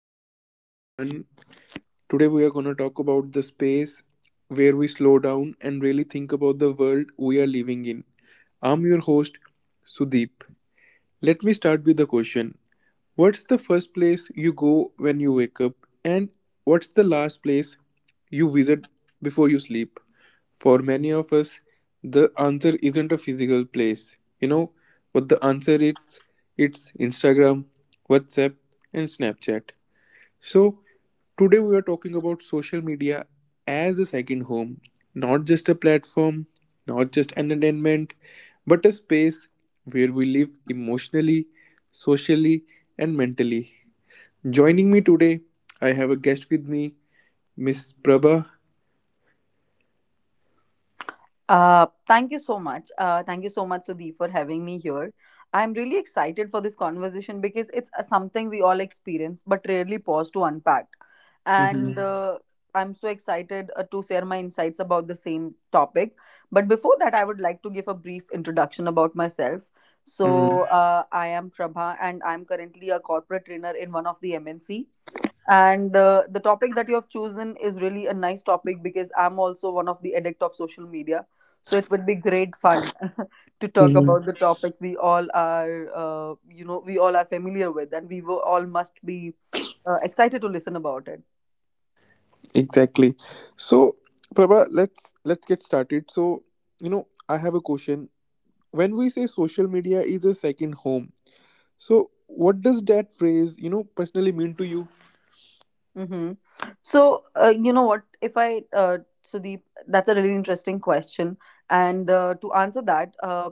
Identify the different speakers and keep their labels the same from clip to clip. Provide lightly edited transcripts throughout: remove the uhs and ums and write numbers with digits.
Speaker 1: and welcome everyone. Today we are going to talk about the space where we slow down and really think about the world we are living in. I'm your host Sudeep. Let me start with a question. What's the first place you go when you wake up and what's the last place you visit before you sleep? For many of us, the answer isn't a physical place. You know what the answer is? It's Instagram, WhatsApp and Snapchat. So, today we are talking about social media as a second home, not just a platform, not just entertainment, but a space where we live emotionally, socially, and mentally. Joining me today, I have a guest with me, Miss Prabha.
Speaker 2: Thank you so much. Thank you so much, Sudhi, for having me here. I'm really excited for this conversation because it's something we all experience but rarely pause to unpack. And
Speaker 1: Mhm.
Speaker 2: I'm so excited to share my insights about the same topic. But before that, I would like to give a brief introduction about myself. So,
Speaker 1: Mhm.
Speaker 2: I am Prabha and I'm currently a corporate trainer in one of the MNC. And The topic that you have chosen is really a nice topic because I'm also one of the addict of social media. So it would be great fun to talk
Speaker 1: Mhm.
Speaker 2: about the topic we all are, we all are familiar with, and we were, all must be excited to listen about it.
Speaker 1: Exactly. So, Prabha, let's get started. So, you know, I have a question. When we say social media is a second home, so what does that phrase, personally mean to you?
Speaker 2: Mm-hmm. So, you know what? If I, Sudeep, that's a really interesting question. And To answer that,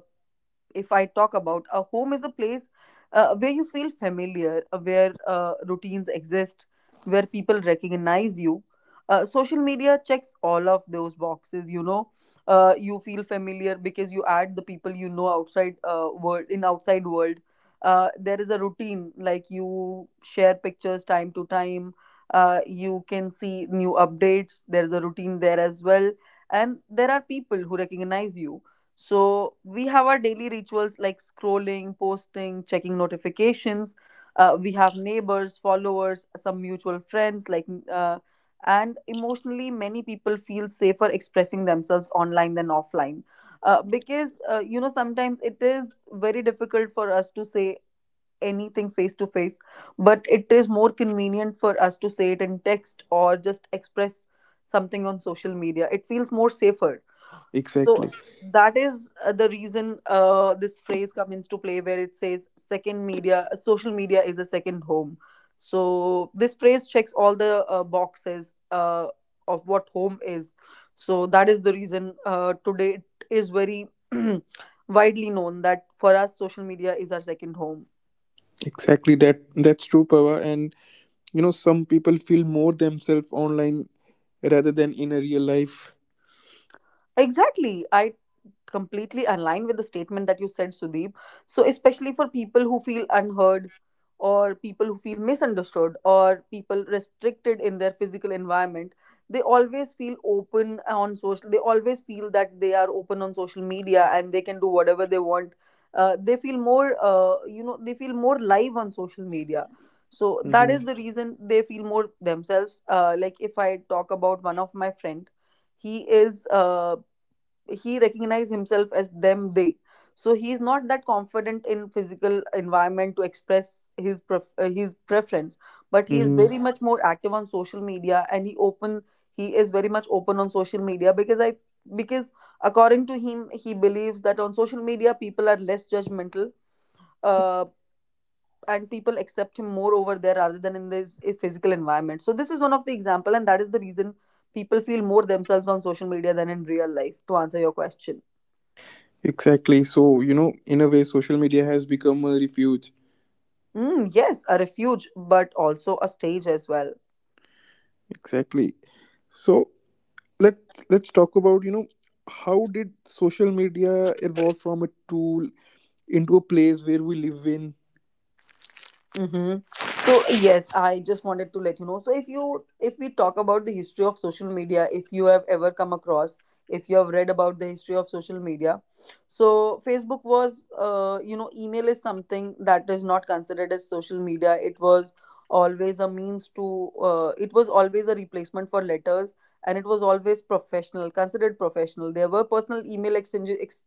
Speaker 2: if I talk about a home is a place where you feel familiar, where routines exist, where people recognize you. Social media checks all of those boxes. You feel familiar because you add the people you know outside world in outside world. There is a routine like you share pictures time to time. You can see new updates. There is a routine there as well, and there are people who recognize you, so we have our daily rituals like scrolling, posting, checking notifications. We have neighbors, followers, some mutual friends, uh, and emotionally, many people feel safer expressing themselves online than offline. Sometimes it is very difficult for us to say anything face to face, but it is more convenient for us to say it in text or just express something on social media. It feels more safer, so
Speaker 1: Exactly.
Speaker 2: that is the reason this phrase comes into play where it says second media, social media is a second home. So this phrase checks all the boxes of what home is. So that is the reason today it is very widely known that for us, social media is our second home.
Speaker 1: Exactly that's true, Pava. And you know, some people feel more themselves online rather than in a real life.
Speaker 2: Exactly. I completely aligned with the statement that you said, Sudeep. So, especially for people who feel unheard, or people who feel misunderstood, or people restricted in their physical environment, they always feel open on social. They always feel that they are open on social media and they can do whatever they want. They feel more, they feel more live on social media. So that is
Speaker 1: Mm-hmm.
Speaker 2: the reason they feel more themselves. Like if I talk about one of my friend, he is he recognize himself as them they, so he is not that confident in physical environment to express his his preference, but he is
Speaker 1: Mm-hmm.
Speaker 2: very much more active on social media and he open, he is very much open on social media because, according to him, he believes that on social media people are less judgmental, uh, and people accept him more over there rather than in this physical environment. So this is one of the example and that is the reason people feel more themselves on social media than in real life, to answer your question.
Speaker 1: Exactly. So, you know, in a way social media has become a refuge.
Speaker 2: Mm, yes, a refuge, but also a stage as well.
Speaker 1: Exactly. So let's talk about, you know, how did social media evolve from a tool into a place where we live in?
Speaker 2: Mm-hmm. So yes, I just wanted to let you know. So if we talk about the history of social media, if you have ever come across, if you have read about the history of social media, so Facebook was, email is something that is not considered as social media. It was always a means to, it was always a replacement for letters, and it was always professional, considered professional. There were personal email exchanges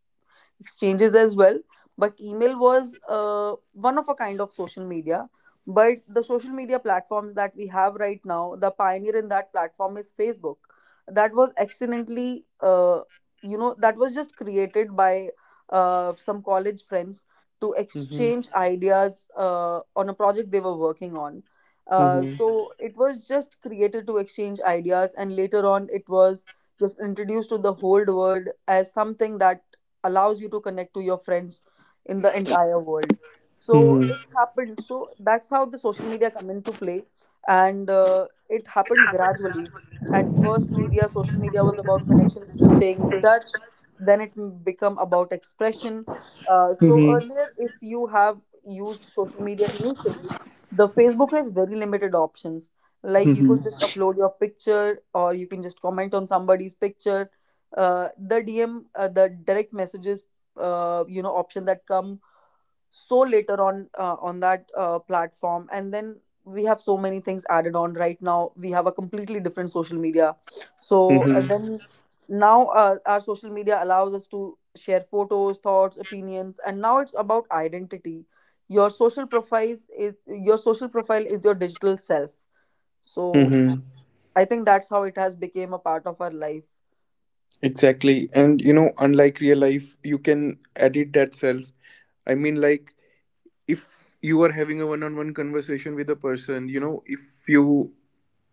Speaker 2: exchanges as well, but email was one of a kind of social media, but the social media platforms that we have right now, the pioneer in that platform is Facebook, that was accidentally that was just created by some college friends to
Speaker 1: Mm-hmm.
Speaker 2: exchange ideas on a project they were working on. So Mhm. it was just created to exchange ideas and later on it was just introduced to the whole world as something that allows you to connect to your friends in the entire world. So it
Speaker 1: Mm-hmm.
Speaker 2: happened, so that's how the social media come into play, and it happened
Speaker 1: Happened
Speaker 2: gradually.
Speaker 1: gradually.
Speaker 2: At
Speaker 1: I
Speaker 2: first media, social
Speaker 1: thought
Speaker 2: media was
Speaker 1: actually there was
Speaker 2: about
Speaker 1: no
Speaker 2: connections to
Speaker 1: thing.
Speaker 2: staying in touch,
Speaker 1: That
Speaker 2: then become about expression. So
Speaker 1: Mm-hmm.
Speaker 2: earlier if you have used social media initially, the Facebook has very limited options, like you could just
Speaker 1: Mm-hmm.
Speaker 2: Mhm. upload your picture or you can just comment on somebody's picture. The DM, the direct messages, option that come so later on that platform, and then we have so many things added on. Right now, we have a completely different social media. So
Speaker 1: Mm-hmm.
Speaker 2: then now Our social media allows us to share photos, thoughts, opinions, and now it's about identity. Your social profile is your digital self. So
Speaker 1: Mm-hmm.
Speaker 2: I think that's how it has become a part of our life.
Speaker 1: Exactly. And you know, unlike real life, you can edit that self. I mean, like, if you are having a one on one conversation with a person, you know, if you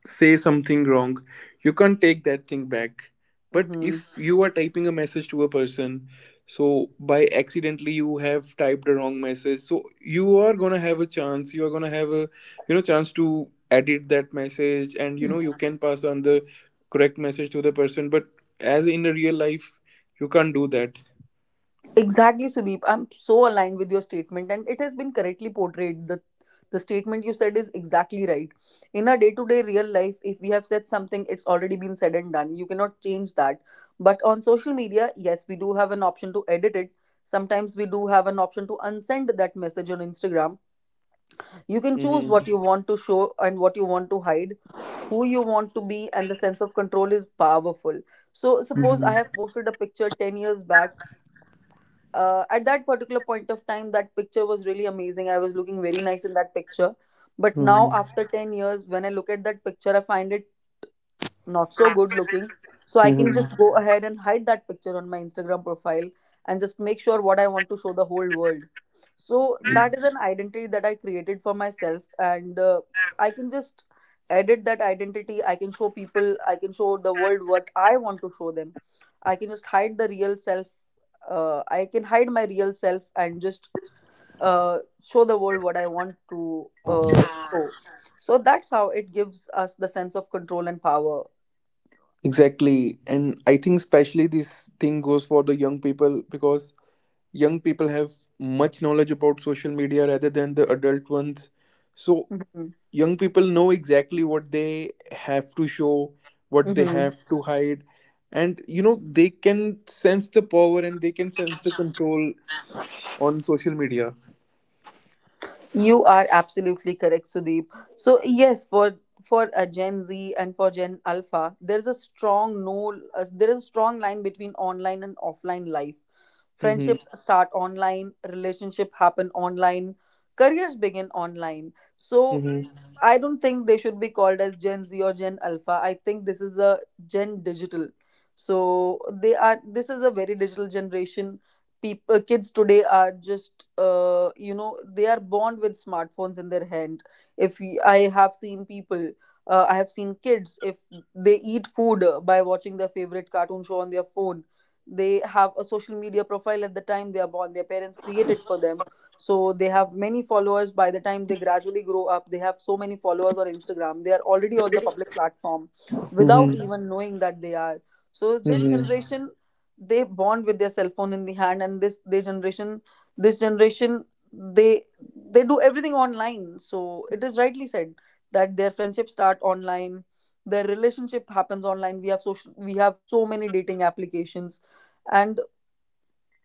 Speaker 1: say something wrong, you can't take that thing back. But
Speaker 2: Mm-hmm.
Speaker 1: if you are typing a message to a person, so by accidentally you have typed a wrong message, so you are going to have a chance, you are going to have a, you know, chance to edit that message, and you know, you can pass on the correct message to the person. But as in a real life, you can't do that.
Speaker 2: Exactly, Sudeep. I'm so aligned with your statement, and it has been correctly portrayed. The statement you said is exactly right. In our day-to-day real life, if we have said something, it's already been said and done. You cannot change that. But on social media, yes, we do have an option to edit it. Sometimes we do have an option to unsend that message on Instagram. You can choose what you
Speaker 1: Hmm.
Speaker 2: want to show and what you want to hide, who you want to be, and the sense of control is powerful. So suppose I
Speaker 1: Hmm.
Speaker 2: have posted a picture 10 years back, at that particular point of time that picture was really amazing, I was looking very nice in that picture, but now after 10 years when I look at that picture I find it not so good looking. So I can
Speaker 1: Hmm.
Speaker 2: just go ahead and hide that picture on my Instagram profile and just make sure what I want to show the whole world. So that is an identity that I created for myself, and I can just edit that identity. I can show people, I can show the world what I want to show them. I can just hide the real self. I can hide my real self and just show the world what I want to show.
Speaker 1: Hmm.
Speaker 2: So that's how it gives us the sense of control and power.
Speaker 1: Exactly. And I think especially this thing goes for the young people because young people have much knowledge about social media rather than the adult ones. So
Speaker 2: Hmm.
Speaker 1: young people know exactly what they have to show, what they
Speaker 2: Hmm.
Speaker 1: have to hide. And you know, they can sense the power and they can sense the control on social media.
Speaker 2: You are absolutely correct, Sudeep. So yes, for a Gen Z and for Gen Alpha, there is a strong no, there is a strong line between online and offline life.
Speaker 1: Mm-hmm.
Speaker 2: Friendships start online, relationship happen online, careers begin online. So
Speaker 1: Mm-hmm.
Speaker 2: I don't think they should be called as Gen Z or Gen Alpha. I think this is a Gen Digital. So they are. This is a very digital generation. People, kids today are just they are born with smartphones in their hand. If y- i have seen people, I have seen kids, if they eat food by watching their favorite cartoon show on their phone, they have a social media profile at the time they are born, their parents created for them. So they have many followers by the time they gradually grow up. They have so many followers on Instagram, they are already on the public platform without
Speaker 1: Mm-hmm.
Speaker 2: even knowing that they are. So this
Speaker 1: Mm-hmm.
Speaker 2: generation, they bond with their cell phone in the hand, and this they generation they they do everything online. So it is rightly said that their friendships start online, their relationship happens online. We have so many dating applications and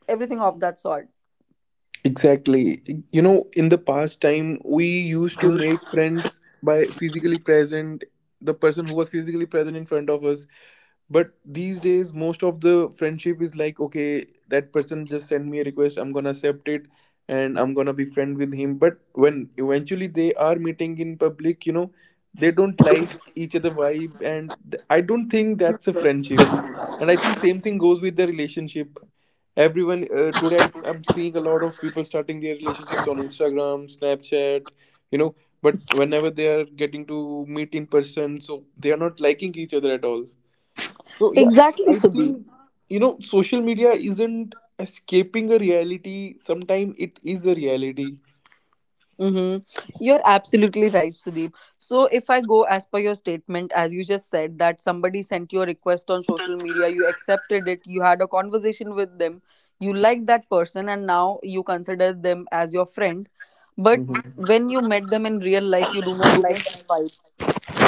Speaker 2: everything of that sort.
Speaker 1: Exactly. You know, in the past time, we used to make friends by physically present, the person who was physically present in front of us. But these days, most of the friendship is like, okay, that person just sent me a request, I'm gonna accept it and I'm gonna be friend with him. But when eventually they are meeting in public, you know, they don't like each other vibe, and I don't think that's a friendship. And I think same thing goes with the relationship. Everyone today I'm seeing a lot of people starting their relationships on Instagram, Snapchat, you know, but whenever they are getting to meet in person, so they are not liking each other at all. So yeah,
Speaker 2: Exactly,
Speaker 1: I
Speaker 2: Sudeep.
Speaker 1: think, you know, social media isn't escaping a reality, sometimes it is a reality.
Speaker 2: Mm-hmm. You're absolutely right, Sudeep. So, if I go as per your statement, as you just said, that somebody sent you a request on social media, you accepted it, you had a conversation with them, you liked that person, and now you consider them as your friend. But
Speaker 1: Mhm.
Speaker 2: when you met them in real life, you do not like
Speaker 1: Mhm.
Speaker 2: that,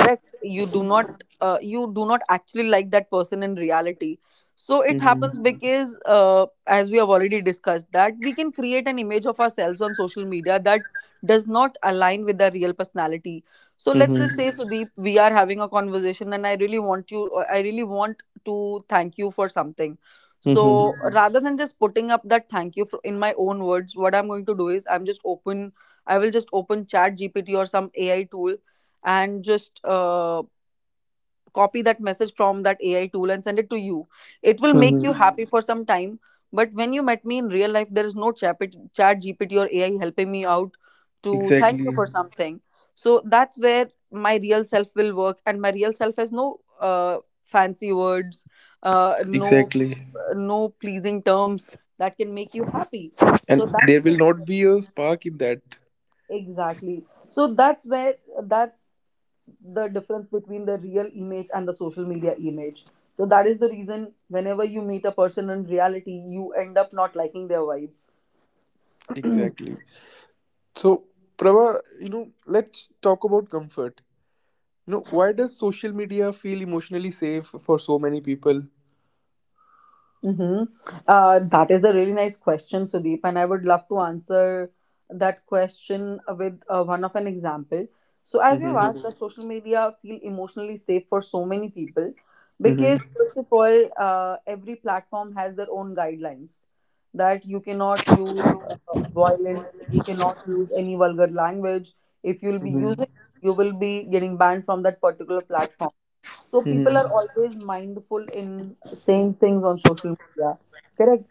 Speaker 2: correct, you do not actually like that person in reality. So it happens Mhm. because as we have already discussed that we can create an image of ourselves on social media that does not align with the real personality. So let's
Speaker 1: Mhm.
Speaker 2: just say Mhm. Sudeep, we are having a conversation and I really want you I really want to thank you for something. So
Speaker 1: Mhm.
Speaker 2: Mhm. Rather than just putting up that thank you for, in my own words what I'm going to do is I will just open Chat GPT or some AI tool and just copy that message from that AI tool and send it to you. It will make you
Speaker 1: Mhm.
Speaker 2: happy, mhm, for some time. But when you met me in real life, there is no chat GPT or AI helping me out to thank you
Speaker 1: Exactly.
Speaker 2: for something. So that's where my real self will work, and my real self has no uh, fancy words, no
Speaker 1: Exactly.
Speaker 2: no pleasing terms that can make you happy. So
Speaker 1: And there will
Speaker 2: that's
Speaker 1: not be a spark in that.
Speaker 2: exactly. So that's where that's the difference between the real image and the social media image. So that is the reason whenever you meet a person in reality you end up not liking their vibe.
Speaker 1: Exactly. So, Prabha, you know, let's talk about comfort. You know, why does social media feel emotionally safe for so many people?
Speaker 2: Mm-hmm. That is a really nice question, Sudeep, and I would love to answer that question with one of an example. So, as you have asked,
Speaker 1: Mm-hmm.
Speaker 2: does social media feel emotionally safe for so many people?
Speaker 1: Mm-hmm.
Speaker 2: Because first of all, every platform has their own guidelines that you cannot use uh, violence, you cannot use any vulgar language. If you'll be
Speaker 1: Mm-hmm.
Speaker 2: using, you will be getting banned from that particular platform, so people are
Speaker 1: Mm-hmm.
Speaker 2: always mindful in saying things on social media. Correct.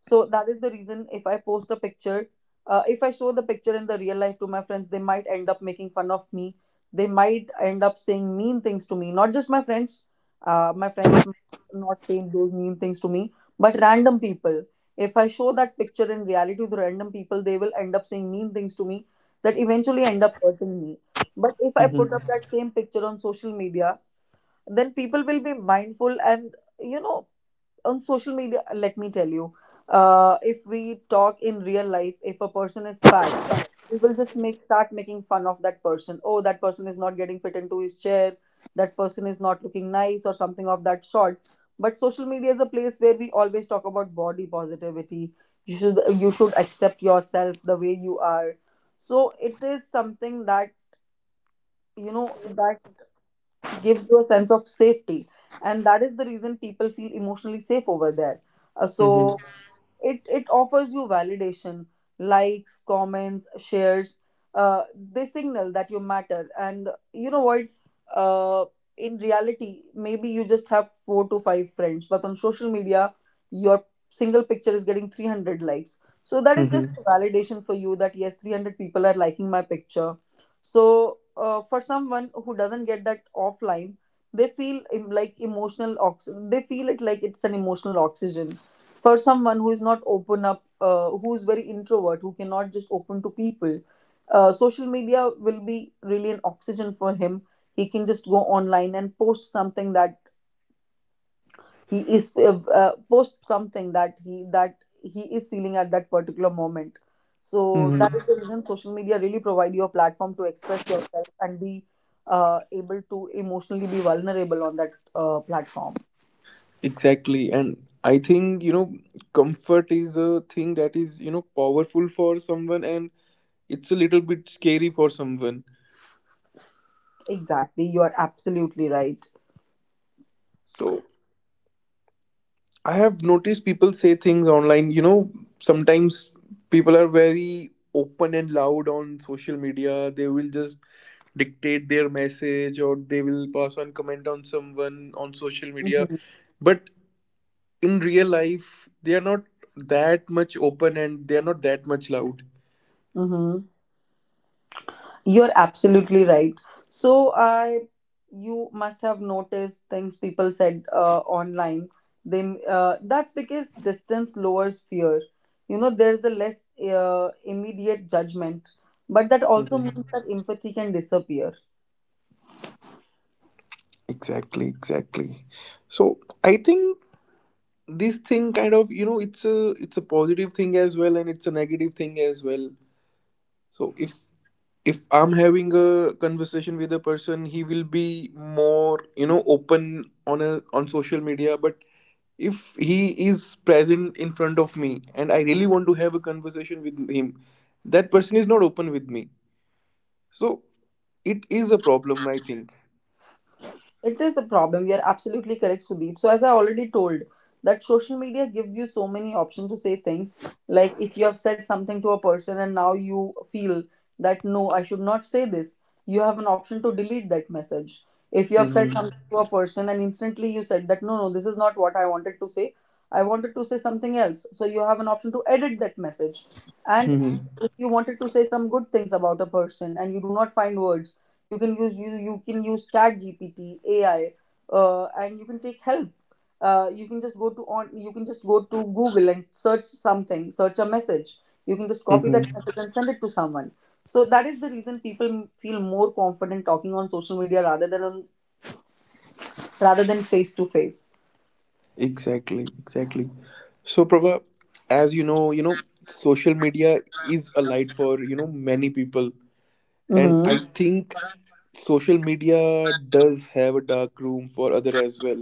Speaker 2: So that is the reason if I post a picture, if I show the picture in the real life to my friends, they might end up making fun of me. They might end up saying mean things to me. Not just my friends. My friends might not saying those mean things to me, but random people. If I show that picture in reality to random people, they will end up saying mean things to me that eventually end up hurting me. But if I put up that same picture on social media, then people will be mindful and, you know, on social media let me tell you, if we talk in real life, if a person is fat we will just make start making fun of that person. Oh, that person is not getting fit into his chair, that person is not looking nice or something of that sort. But social media is a place where we always talk about body positivity. You should, accept yourself the way you are. So it is something that, you know, that gives you a sense of safety, and that is the reason people feel emotionally safe over there. So
Speaker 1: Mm-hmm.
Speaker 2: it offers you validation, likes, comments, shares. Uh, they signal that you matter, and you know what, uh, in reality maybe you just have four to five friends, but on social media your single picture is getting 300 likes. So that is just
Speaker 1: Mm-hmm.
Speaker 2: a validation for you that yes, 300 people are liking my picture. So for someone who doesn't get that offline, they feel like emotional they feel it like it's an emotional oxygen. For someone who is not open up, who is very introvert, who cannot just open to people, social media will be really an oxygen for him. He can just go online and post something that he is post something that he is feeling at that particular moment. So that
Speaker 1: Mm-hmm.
Speaker 2: is the reason social media really provide you a platform to express yourself and be able to emotionally be vulnerable on that platform.
Speaker 1: Exactly. And I think, you know, comfort is a thing that is, you know, powerful for someone and it's a little bit scary for someone.
Speaker 2: Exactly, you are absolutely right.
Speaker 1: So I have noticed people say things online. You know, sometimes people are very open and loud on social media. They will just dictate their message or they will pass on comment on someone on social media.
Speaker 2: Mm-hmm.
Speaker 1: But in real life, they are not that much open and they are not that much loud.
Speaker 2: Mm-hmm. You're absolutely right. So I, you must have noticed things people said online. They that's because distance lowers fear. You know, there's a less immediate judgment, but that also
Speaker 1: Mhm.
Speaker 2: means that empathy can disappear.
Speaker 1: Exactly, exactly. So I think this thing kind of, you know, it's a, it's a positive thing as well and it's a negative thing as well. So if I'm having a conversation with a person, he will be more, you know, open on a, on social media. But if he is present in front of me and I really want to have a conversation with him, that person is not open with me. So it is a problem, I think.
Speaker 2: It is a problem. You're absolutely correct, Sudeep. So, as I already told, that social media gives you so many options to say things. Like if you have said something to a person and now you feel that no, I should not say this, you have an option to delete that message. If you have said
Speaker 1: Hmm.
Speaker 2: something to a person and instantly you said that no, no, this is not what I wanted to say, I wanted to say something else. So, you have an option to edit that message. And
Speaker 1: Hmm.
Speaker 2: you wanted to say some good things about a person and you do not find words. You can you can use chat gpt ai, and you can take help. You can just go to google and search something, search a message. You can just copy that
Speaker 1: Hmm.
Speaker 2: message and send it to someone. So that is the reason people feel more confident talking on social media rather than rather than face to face.
Speaker 1: Exactly, exactly. So Prabha, as you know, you know, social media is a light for, you know, many people. And I
Speaker 2: Mhm.
Speaker 1: think social media does have a dark room for other as well.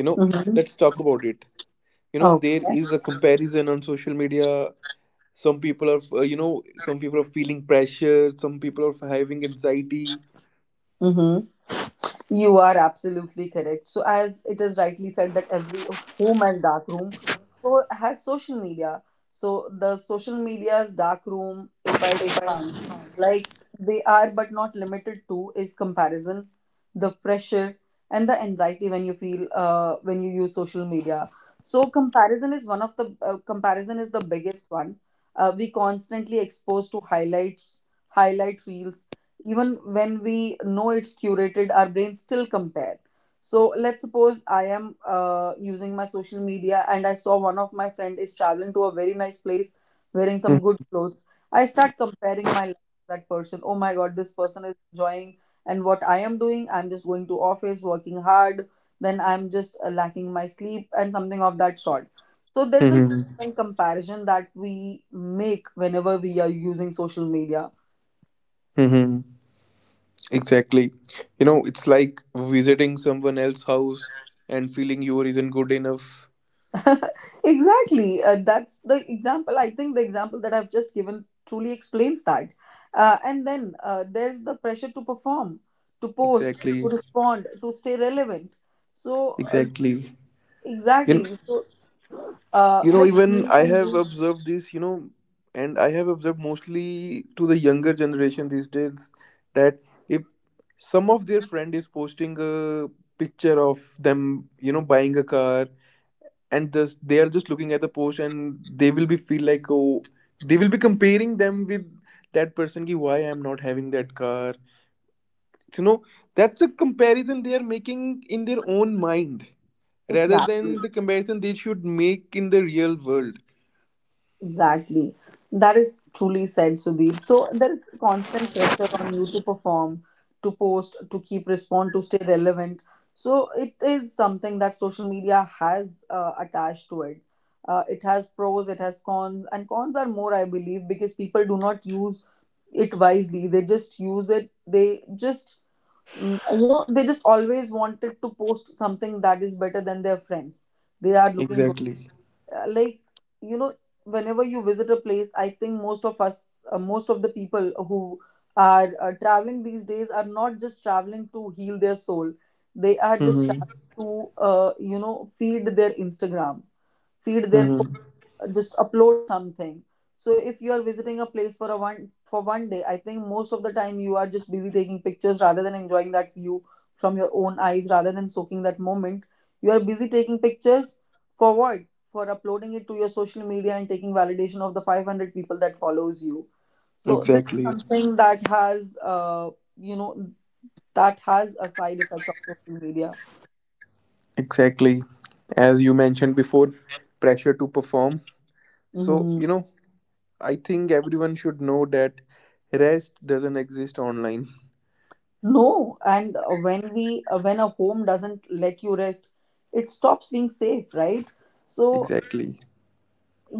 Speaker 1: You know,
Speaker 2: Mhm.
Speaker 1: let's talk about it. You know, there
Speaker 2: Okay.
Speaker 1: is a comparison on social media. Some people are, you know, some people are feeling pressure. Some people are having anxiety.
Speaker 2: Mhm. You are absolutely correct. So, as it is rightly said, that every home has dark room, so has social media. So, the social media's dark room, if I, they are but not limited to, is comparison, the pressure, and the anxiety when you feel, when you use social media. So comparison is one of the, comparison is the biggest one. We constantly exposed to highlight reels. Even when we know it's curated, our brain still compare. So let's suppose I am using my social media and I saw one of my friend is traveling to a very nice place, wearing some good clothes. I start comparing my that person, oh my god, this person is enjoying, and what I am doing, I'm just going to office, working hard, then I'm just lacking my sleep and something of that sort. So there is a
Speaker 1: Mm-hmm.
Speaker 2: constant comparison that we make whenever we are using social media.
Speaker 1: Mm-hmm. Exactly. You know, it's like visiting someone else's house and feeling yours isn't good enough.
Speaker 2: Exactly, that's the example, I think the example that I've just given truly explains that. And then there's the pressure to perform, to post,
Speaker 1: Exactly.
Speaker 2: to respond, to stay relevant. So
Speaker 1: Exactly. You know,
Speaker 2: exactly. So
Speaker 1: you know,
Speaker 2: like
Speaker 1: even
Speaker 2: me
Speaker 1: I
Speaker 2: and
Speaker 1: have
Speaker 2: you.
Speaker 1: observed this, you know, and I have observed mostly to the younger generation these days, that if some of their friend is posting a picture of them, you know, buying a car, and just they are just looking at the post and they will be feel like, oh, they will be comparing them with that person ki why I'm not having that car. So, you know, that's a comparison they are making in their own mind rather
Speaker 2: Exactly,
Speaker 1: than the comparison they should make in the real world.
Speaker 2: exactly. That is truly said, Sudeep. So there is constant pressure on you to perform, to post, to keep respond, to stay relevant. So it is something that social media has attached to it. It has pros, it has cons, and cons are more I believe, because people do not use it wisely. They just use it, they just, mm, you know, they just always wanted to post something that is better than their friends. They are looking
Speaker 1: Exactly.
Speaker 2: like, you know, whenever you visit a place, I think most of us, most of the people who are traveling these days are not just traveling to heal their soul, they are just
Speaker 1: Mm-hmm.
Speaker 2: traveling to, you know, feed their instagram, feed their
Speaker 1: Mm-hmm.
Speaker 2: just upload something. So if you are visiting a place for a one for one day, I think most of the time you are just busy taking pictures rather than enjoying that view from your own eyes, rather than soaking that moment. You are busy taking pictures. For what? For uploading it to your social media and taking validation of the 500 people that follows you. So this is
Speaker 1: Exactly.
Speaker 2: something that has you know, that has a side effect of social media.
Speaker 1: Exactly. As you mentioned before, pressure to perform. So,
Speaker 2: Mhm.
Speaker 1: you know, I think everyone should know that rest doesn't exist online.
Speaker 2: No, and when we when a home doesn't let you rest, it stops being safe, right? So
Speaker 1: Exactly.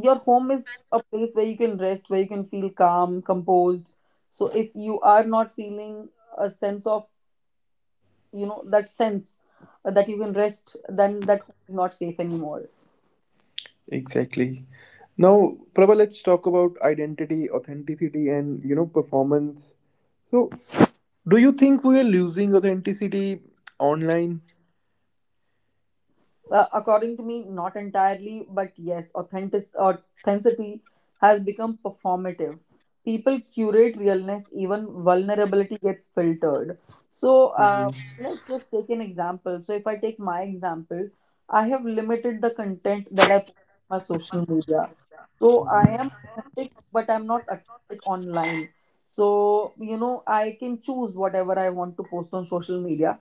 Speaker 2: your home is a place where you can rest, where you can feel calm, composed. So if you are not feeling a sense of, you know, that sense, that you can rest, then that home is not safe anymore.
Speaker 1: Exactly. Now, Prabha, let's talk about identity, authenticity, and, you know, performance. So, do you think we are losing authenticity online?
Speaker 2: According to me, not entirely, but yes, authenticity has become performative. People curate realness, even vulnerability gets filtered. So
Speaker 1: Mm-hmm.
Speaker 2: let's just take an example. So if I take my example, I have limited the content that I put on my social media. So I am
Speaker 1: Mm-hmm.
Speaker 2: authentic, but I'm not authentic online. So, you know, I can choose whatever I want to post on social media.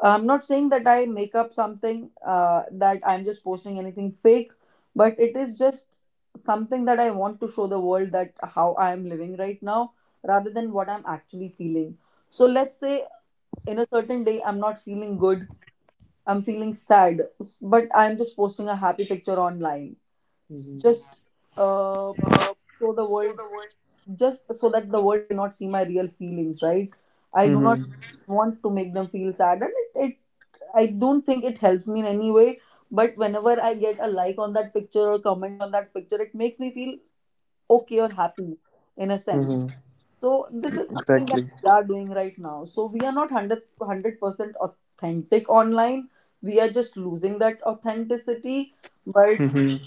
Speaker 2: I'm not saying that I make up something, that I'm just posting anything fake, but it is just something that I want to show the world that how I am living right now rather than what I'm actually feeling. So, let's say in a certain day, I'm not feeling good, I'm feeling sad, but I'm just posting a happy picture online
Speaker 1: Mm-hmm.
Speaker 2: just uh, so the world just so that the world cannot see my real feelings, right? I do not
Speaker 1: Mm-hmm.
Speaker 2: want to make them feel sad, and it I don't think it helps me in any way, but whenever I get a like on that picture or comment on that picture, it makes me feel okay or happy in a sense.
Speaker 1: Mm-hmm.
Speaker 2: So this is something that
Speaker 1: Exactly.
Speaker 2: we are doing right now. So we are not 100% authentic online, we are just losing that authenticity. but
Speaker 1: Mhm.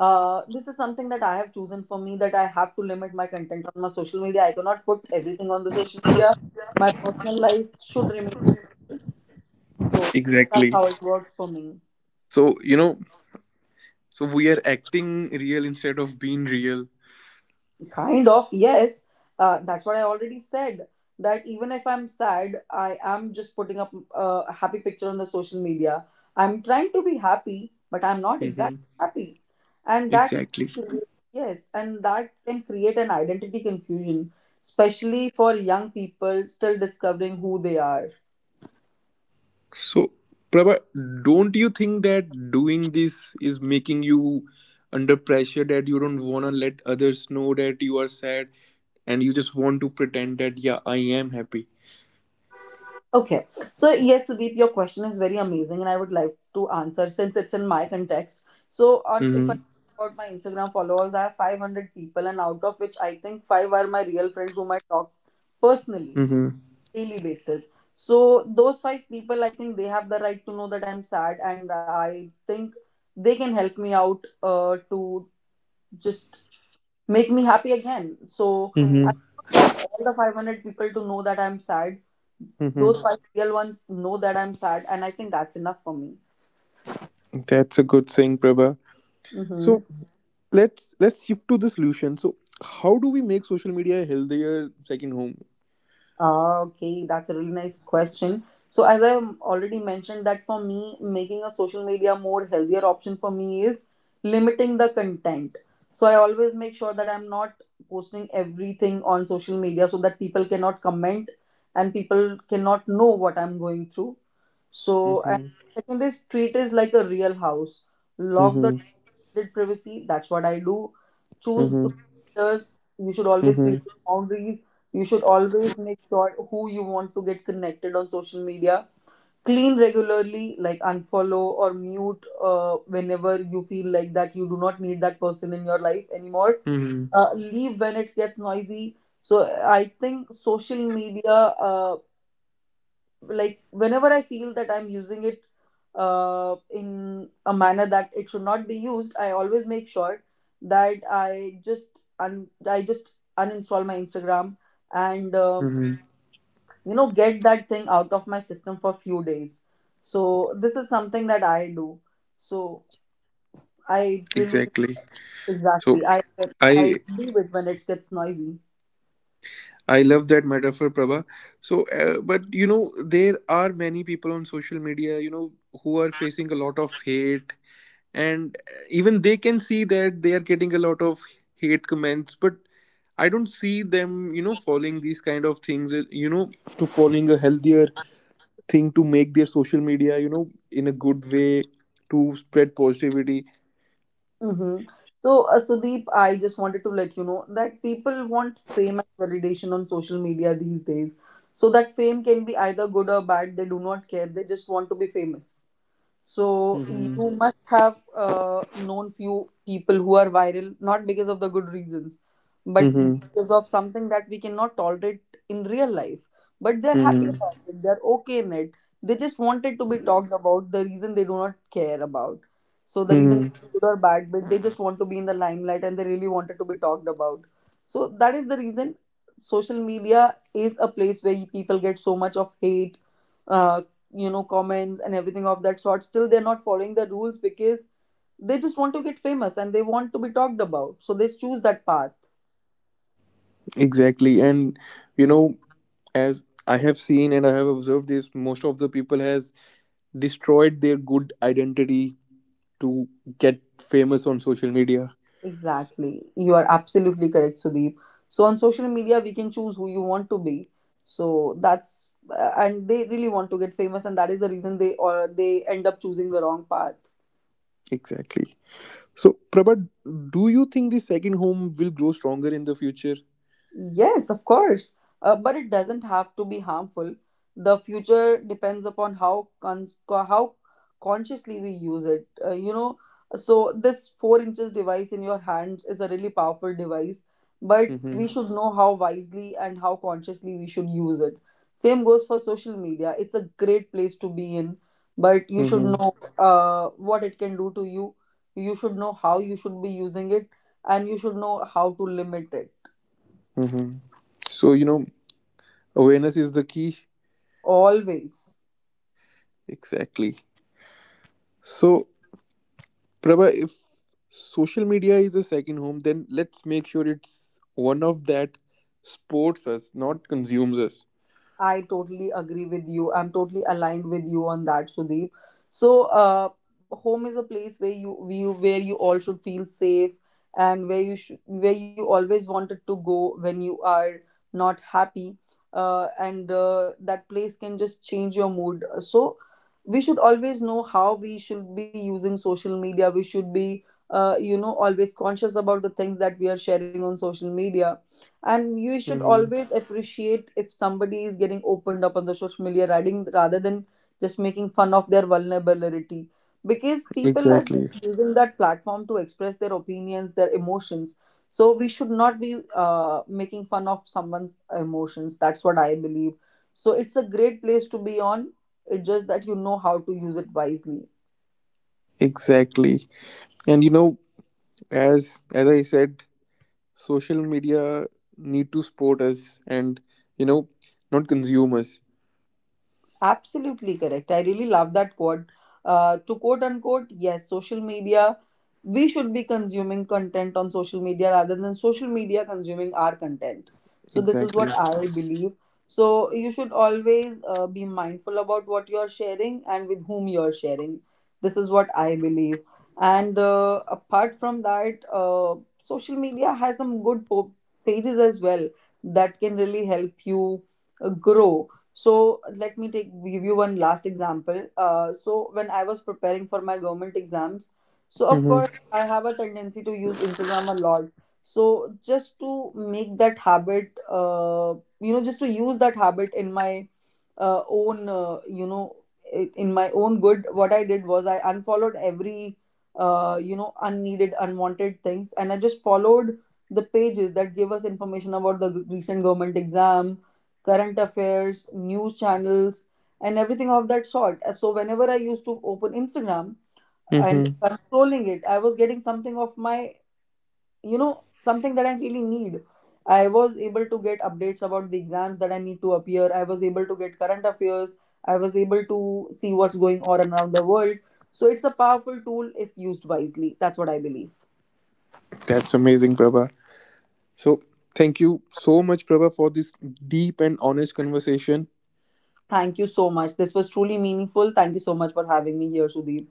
Speaker 2: uh, this is something that I have chosen for me, that I have to limit my content on my social media. I cannot put everything on the social media. My personal life should remain so. That's
Speaker 1: Exactly.
Speaker 2: how it works for me.
Speaker 1: So, you know, so we are acting real instead of being real.
Speaker 2: Kind of, yes. That's what I already said. That even if I'm sad, I am just putting up a happy picture on the social media. I'm trying to be happy, but I'm not exactly
Speaker 1: Hmm.
Speaker 2: happy. And that, is-
Speaker 1: Exactly.
Speaker 2: yes, and that can create an identity confusion, especially for young people still discovering who they are.
Speaker 1: So, Prabha, don't you think that doing this is making you under pressure that you don't want to let others know that you are sad and you just want to pretend that, yeah, I am happy?
Speaker 2: Okay. So, yes, Sudeep, your question is very amazing, and I would like to answer since it's in my context. So, on if I
Speaker 1: Mm-hmm.
Speaker 2: talk about my Instagram followers, I have 500 people, and out of which I think five are my real friends whom I talk personally
Speaker 1: Mm-hmm.
Speaker 2: daily basis. So, those five people, I think they have the right to know that I'm sad, and I think they can help me out to just make me happy again. So, I
Speaker 1: Mm-hmm.
Speaker 2: don't want all the 500 people to know that I'm sad.
Speaker 1: Mm-hmm.
Speaker 2: Those five real ones know that I'm sad, and I think that's enough for me.
Speaker 1: That's a good saying, Prabha.
Speaker 2: Mm-hmm.
Speaker 1: So, let's shift to the solution. So how do we make social media a healthier second home?
Speaker 2: Ah, okay, that's a really nice question. So, as I already mentioned, that for me, making a social media more healthier option for me is limiting the content. So, I always make sure that I'm not posting everything on social media so that people cannot comment and people cannot know what I'm going through. So, and
Speaker 1: Mm-hmm.
Speaker 2: second is treat is like a real house. Lock the
Speaker 1: Mm-hmm.
Speaker 2: did privacy. That's what I do. Choose the
Speaker 1: Mm-hmm.
Speaker 2: filters. You should always create
Speaker 1: Mm-hmm.
Speaker 2: boundaries. You should always make sure who you want to get connected on social media. Clean regularly, like unfollow or mute whenever you feel like that you do not need that person in your life anymore.
Speaker 1: Mm-hmm.
Speaker 2: Leave when it gets noisy. So I think social media like whenever I feel that I'm using it in a manner that it should not be used, I always make sure that I just uninstall my Instagram and
Speaker 1: Mm-hmm.
Speaker 2: you know, get that thing out of my system for few days. So this is something that I do. So I really
Speaker 1: Exactly. So
Speaker 2: exactly, I
Speaker 1: i
Speaker 2: leave it when it gets noisy.
Speaker 1: I love that metaphor, Prabha. So but you know, there are many people on social media, you know, who are facing a lot of hate. And even they can see that they are getting a lot of hate comments, but I don't see them, you know, following these kind of things, you know, to following a healthier thing to make their social media, you know, in a good way, to spread positivity.
Speaker 2: Mm-hmm. So, Sudeep, I just wanted to let you know that people want fame and validation on social media these days. So that fame can be either good or bad. They do not care. They just want to be famous. So you
Speaker 1: Mm-hmm.
Speaker 2: must have known few people who are viral, not because of the good reasons, but
Speaker 1: Mm-hmm.
Speaker 2: because of something that we cannot tolerate in real life. But they're happy
Speaker 1: Mm-hmm.
Speaker 2: about it. They're okay in it. They just wanted to be talked about. The reason they do not care about. So the reason
Speaker 1: Hmm.
Speaker 2: could be good or bad, but they just want to be in the limelight and they really wanted to be talked about. So that is the reason social media is a place where people get so much of hate uh, you know, comments and everything of that sort, still they're not following the rules because they just want to get famous and they want to be talked about, so they choose that path.
Speaker 1: Exactly. And you know, as I have seen and I have observed this, most of the people has destroyed their good identity to get famous on social media.
Speaker 2: Exactly, you are absolutely correct, Sudeep. So on social media we can choose who you want to be. So that's And they really want to get famous, and that is the reason they, or they end up choosing the wrong path.
Speaker 1: Exactly. So Prabhat, do you think the second home will grow stronger in the future?
Speaker 2: Yes, of course. But it doesn't have to be harmful. The future depends upon how consciously we use it. You know, so this four inches device in your hands is a really powerful device, but we
Speaker 1: Mm-hmm.
Speaker 2: should know how wisely and how consciously we should use it. Same goes for social media. It's a great place to be in, but you should
Speaker 1: Mm-hmm.
Speaker 2: know what it can do to you. You should know how you should be using it, and you should know how to limit it.
Speaker 1: Mm-hmm. So you know, awareness is the key.
Speaker 2: Always.
Speaker 1: Exactly. So, Prabha, if social media is a second home, then let's make sure it's one of that supports us, not consumes us.
Speaker 2: I totally agree with you. I'm totally aligned with you on that, Sudeep. So, home is a place where you all should feel safe and where you always wanted to go when you are not happy. And that place can just change your mood. So, we should always know how we should be using social media. We should be you know, always conscious about the things that we are sharing on social media, and you
Speaker 1: Mm-hmm.
Speaker 2: should always appreciate if somebody is getting opened up on the social media writing rather than just making fun of their vulnerability, because people are
Speaker 1: Exactly.
Speaker 2: just using that platform to express their opinions, their emotions. So we should not be making fun of someone's emotions. That's what I believe. So it's a great place to be on. It's just that you know how to use it wisely.
Speaker 1: Exactly. And you know, as I said, social media need to support us and you know, not consume us.
Speaker 2: Absolutely correct. I really love that quote. To quote unquote, yes, social media, we should be consuming content on social media rather than social media consuming our content. So, this is what
Speaker 1: Exactly.
Speaker 2: I believe. So, you should always be mindful about what you're sharing and with whom you're sharing. This is what I believe. And apart from that, social media has some pages as well that can really help you grow. So let me take give you one last example. So when I was preparing for my government exams, so of
Speaker 1: Mm-hmm.
Speaker 2: course I have a tendency to use Instagram a lot. So just to make that habit, just to use that habit in my own in my own good, what I did was I unfollowed every, unneeded, unwanted things, and I just followed the pages that give us information about the recent government exam, current affairs, news channels, and everything of that sort. So whenever I used to open Instagram and
Speaker 1: Mm-hmm.
Speaker 2: controlling it, I was getting something of my, you know, something that I really need. I was able to get updates about the exams that I need to appear. I was able to get current affairs. I was able to see what's going on around the world. So it's a powerful tool if used wisely. That's what I believe.
Speaker 1: That's amazing, Prabha. So thank you so much, Prabha, for this deep and honest conversation.
Speaker 2: Thank you so much. This was truly meaningful. Thank you so much for having me here, Sudeep.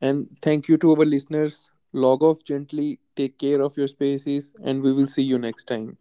Speaker 1: And thank you to our listeners. Log off gently, take care of your spaces, and we will see you next time.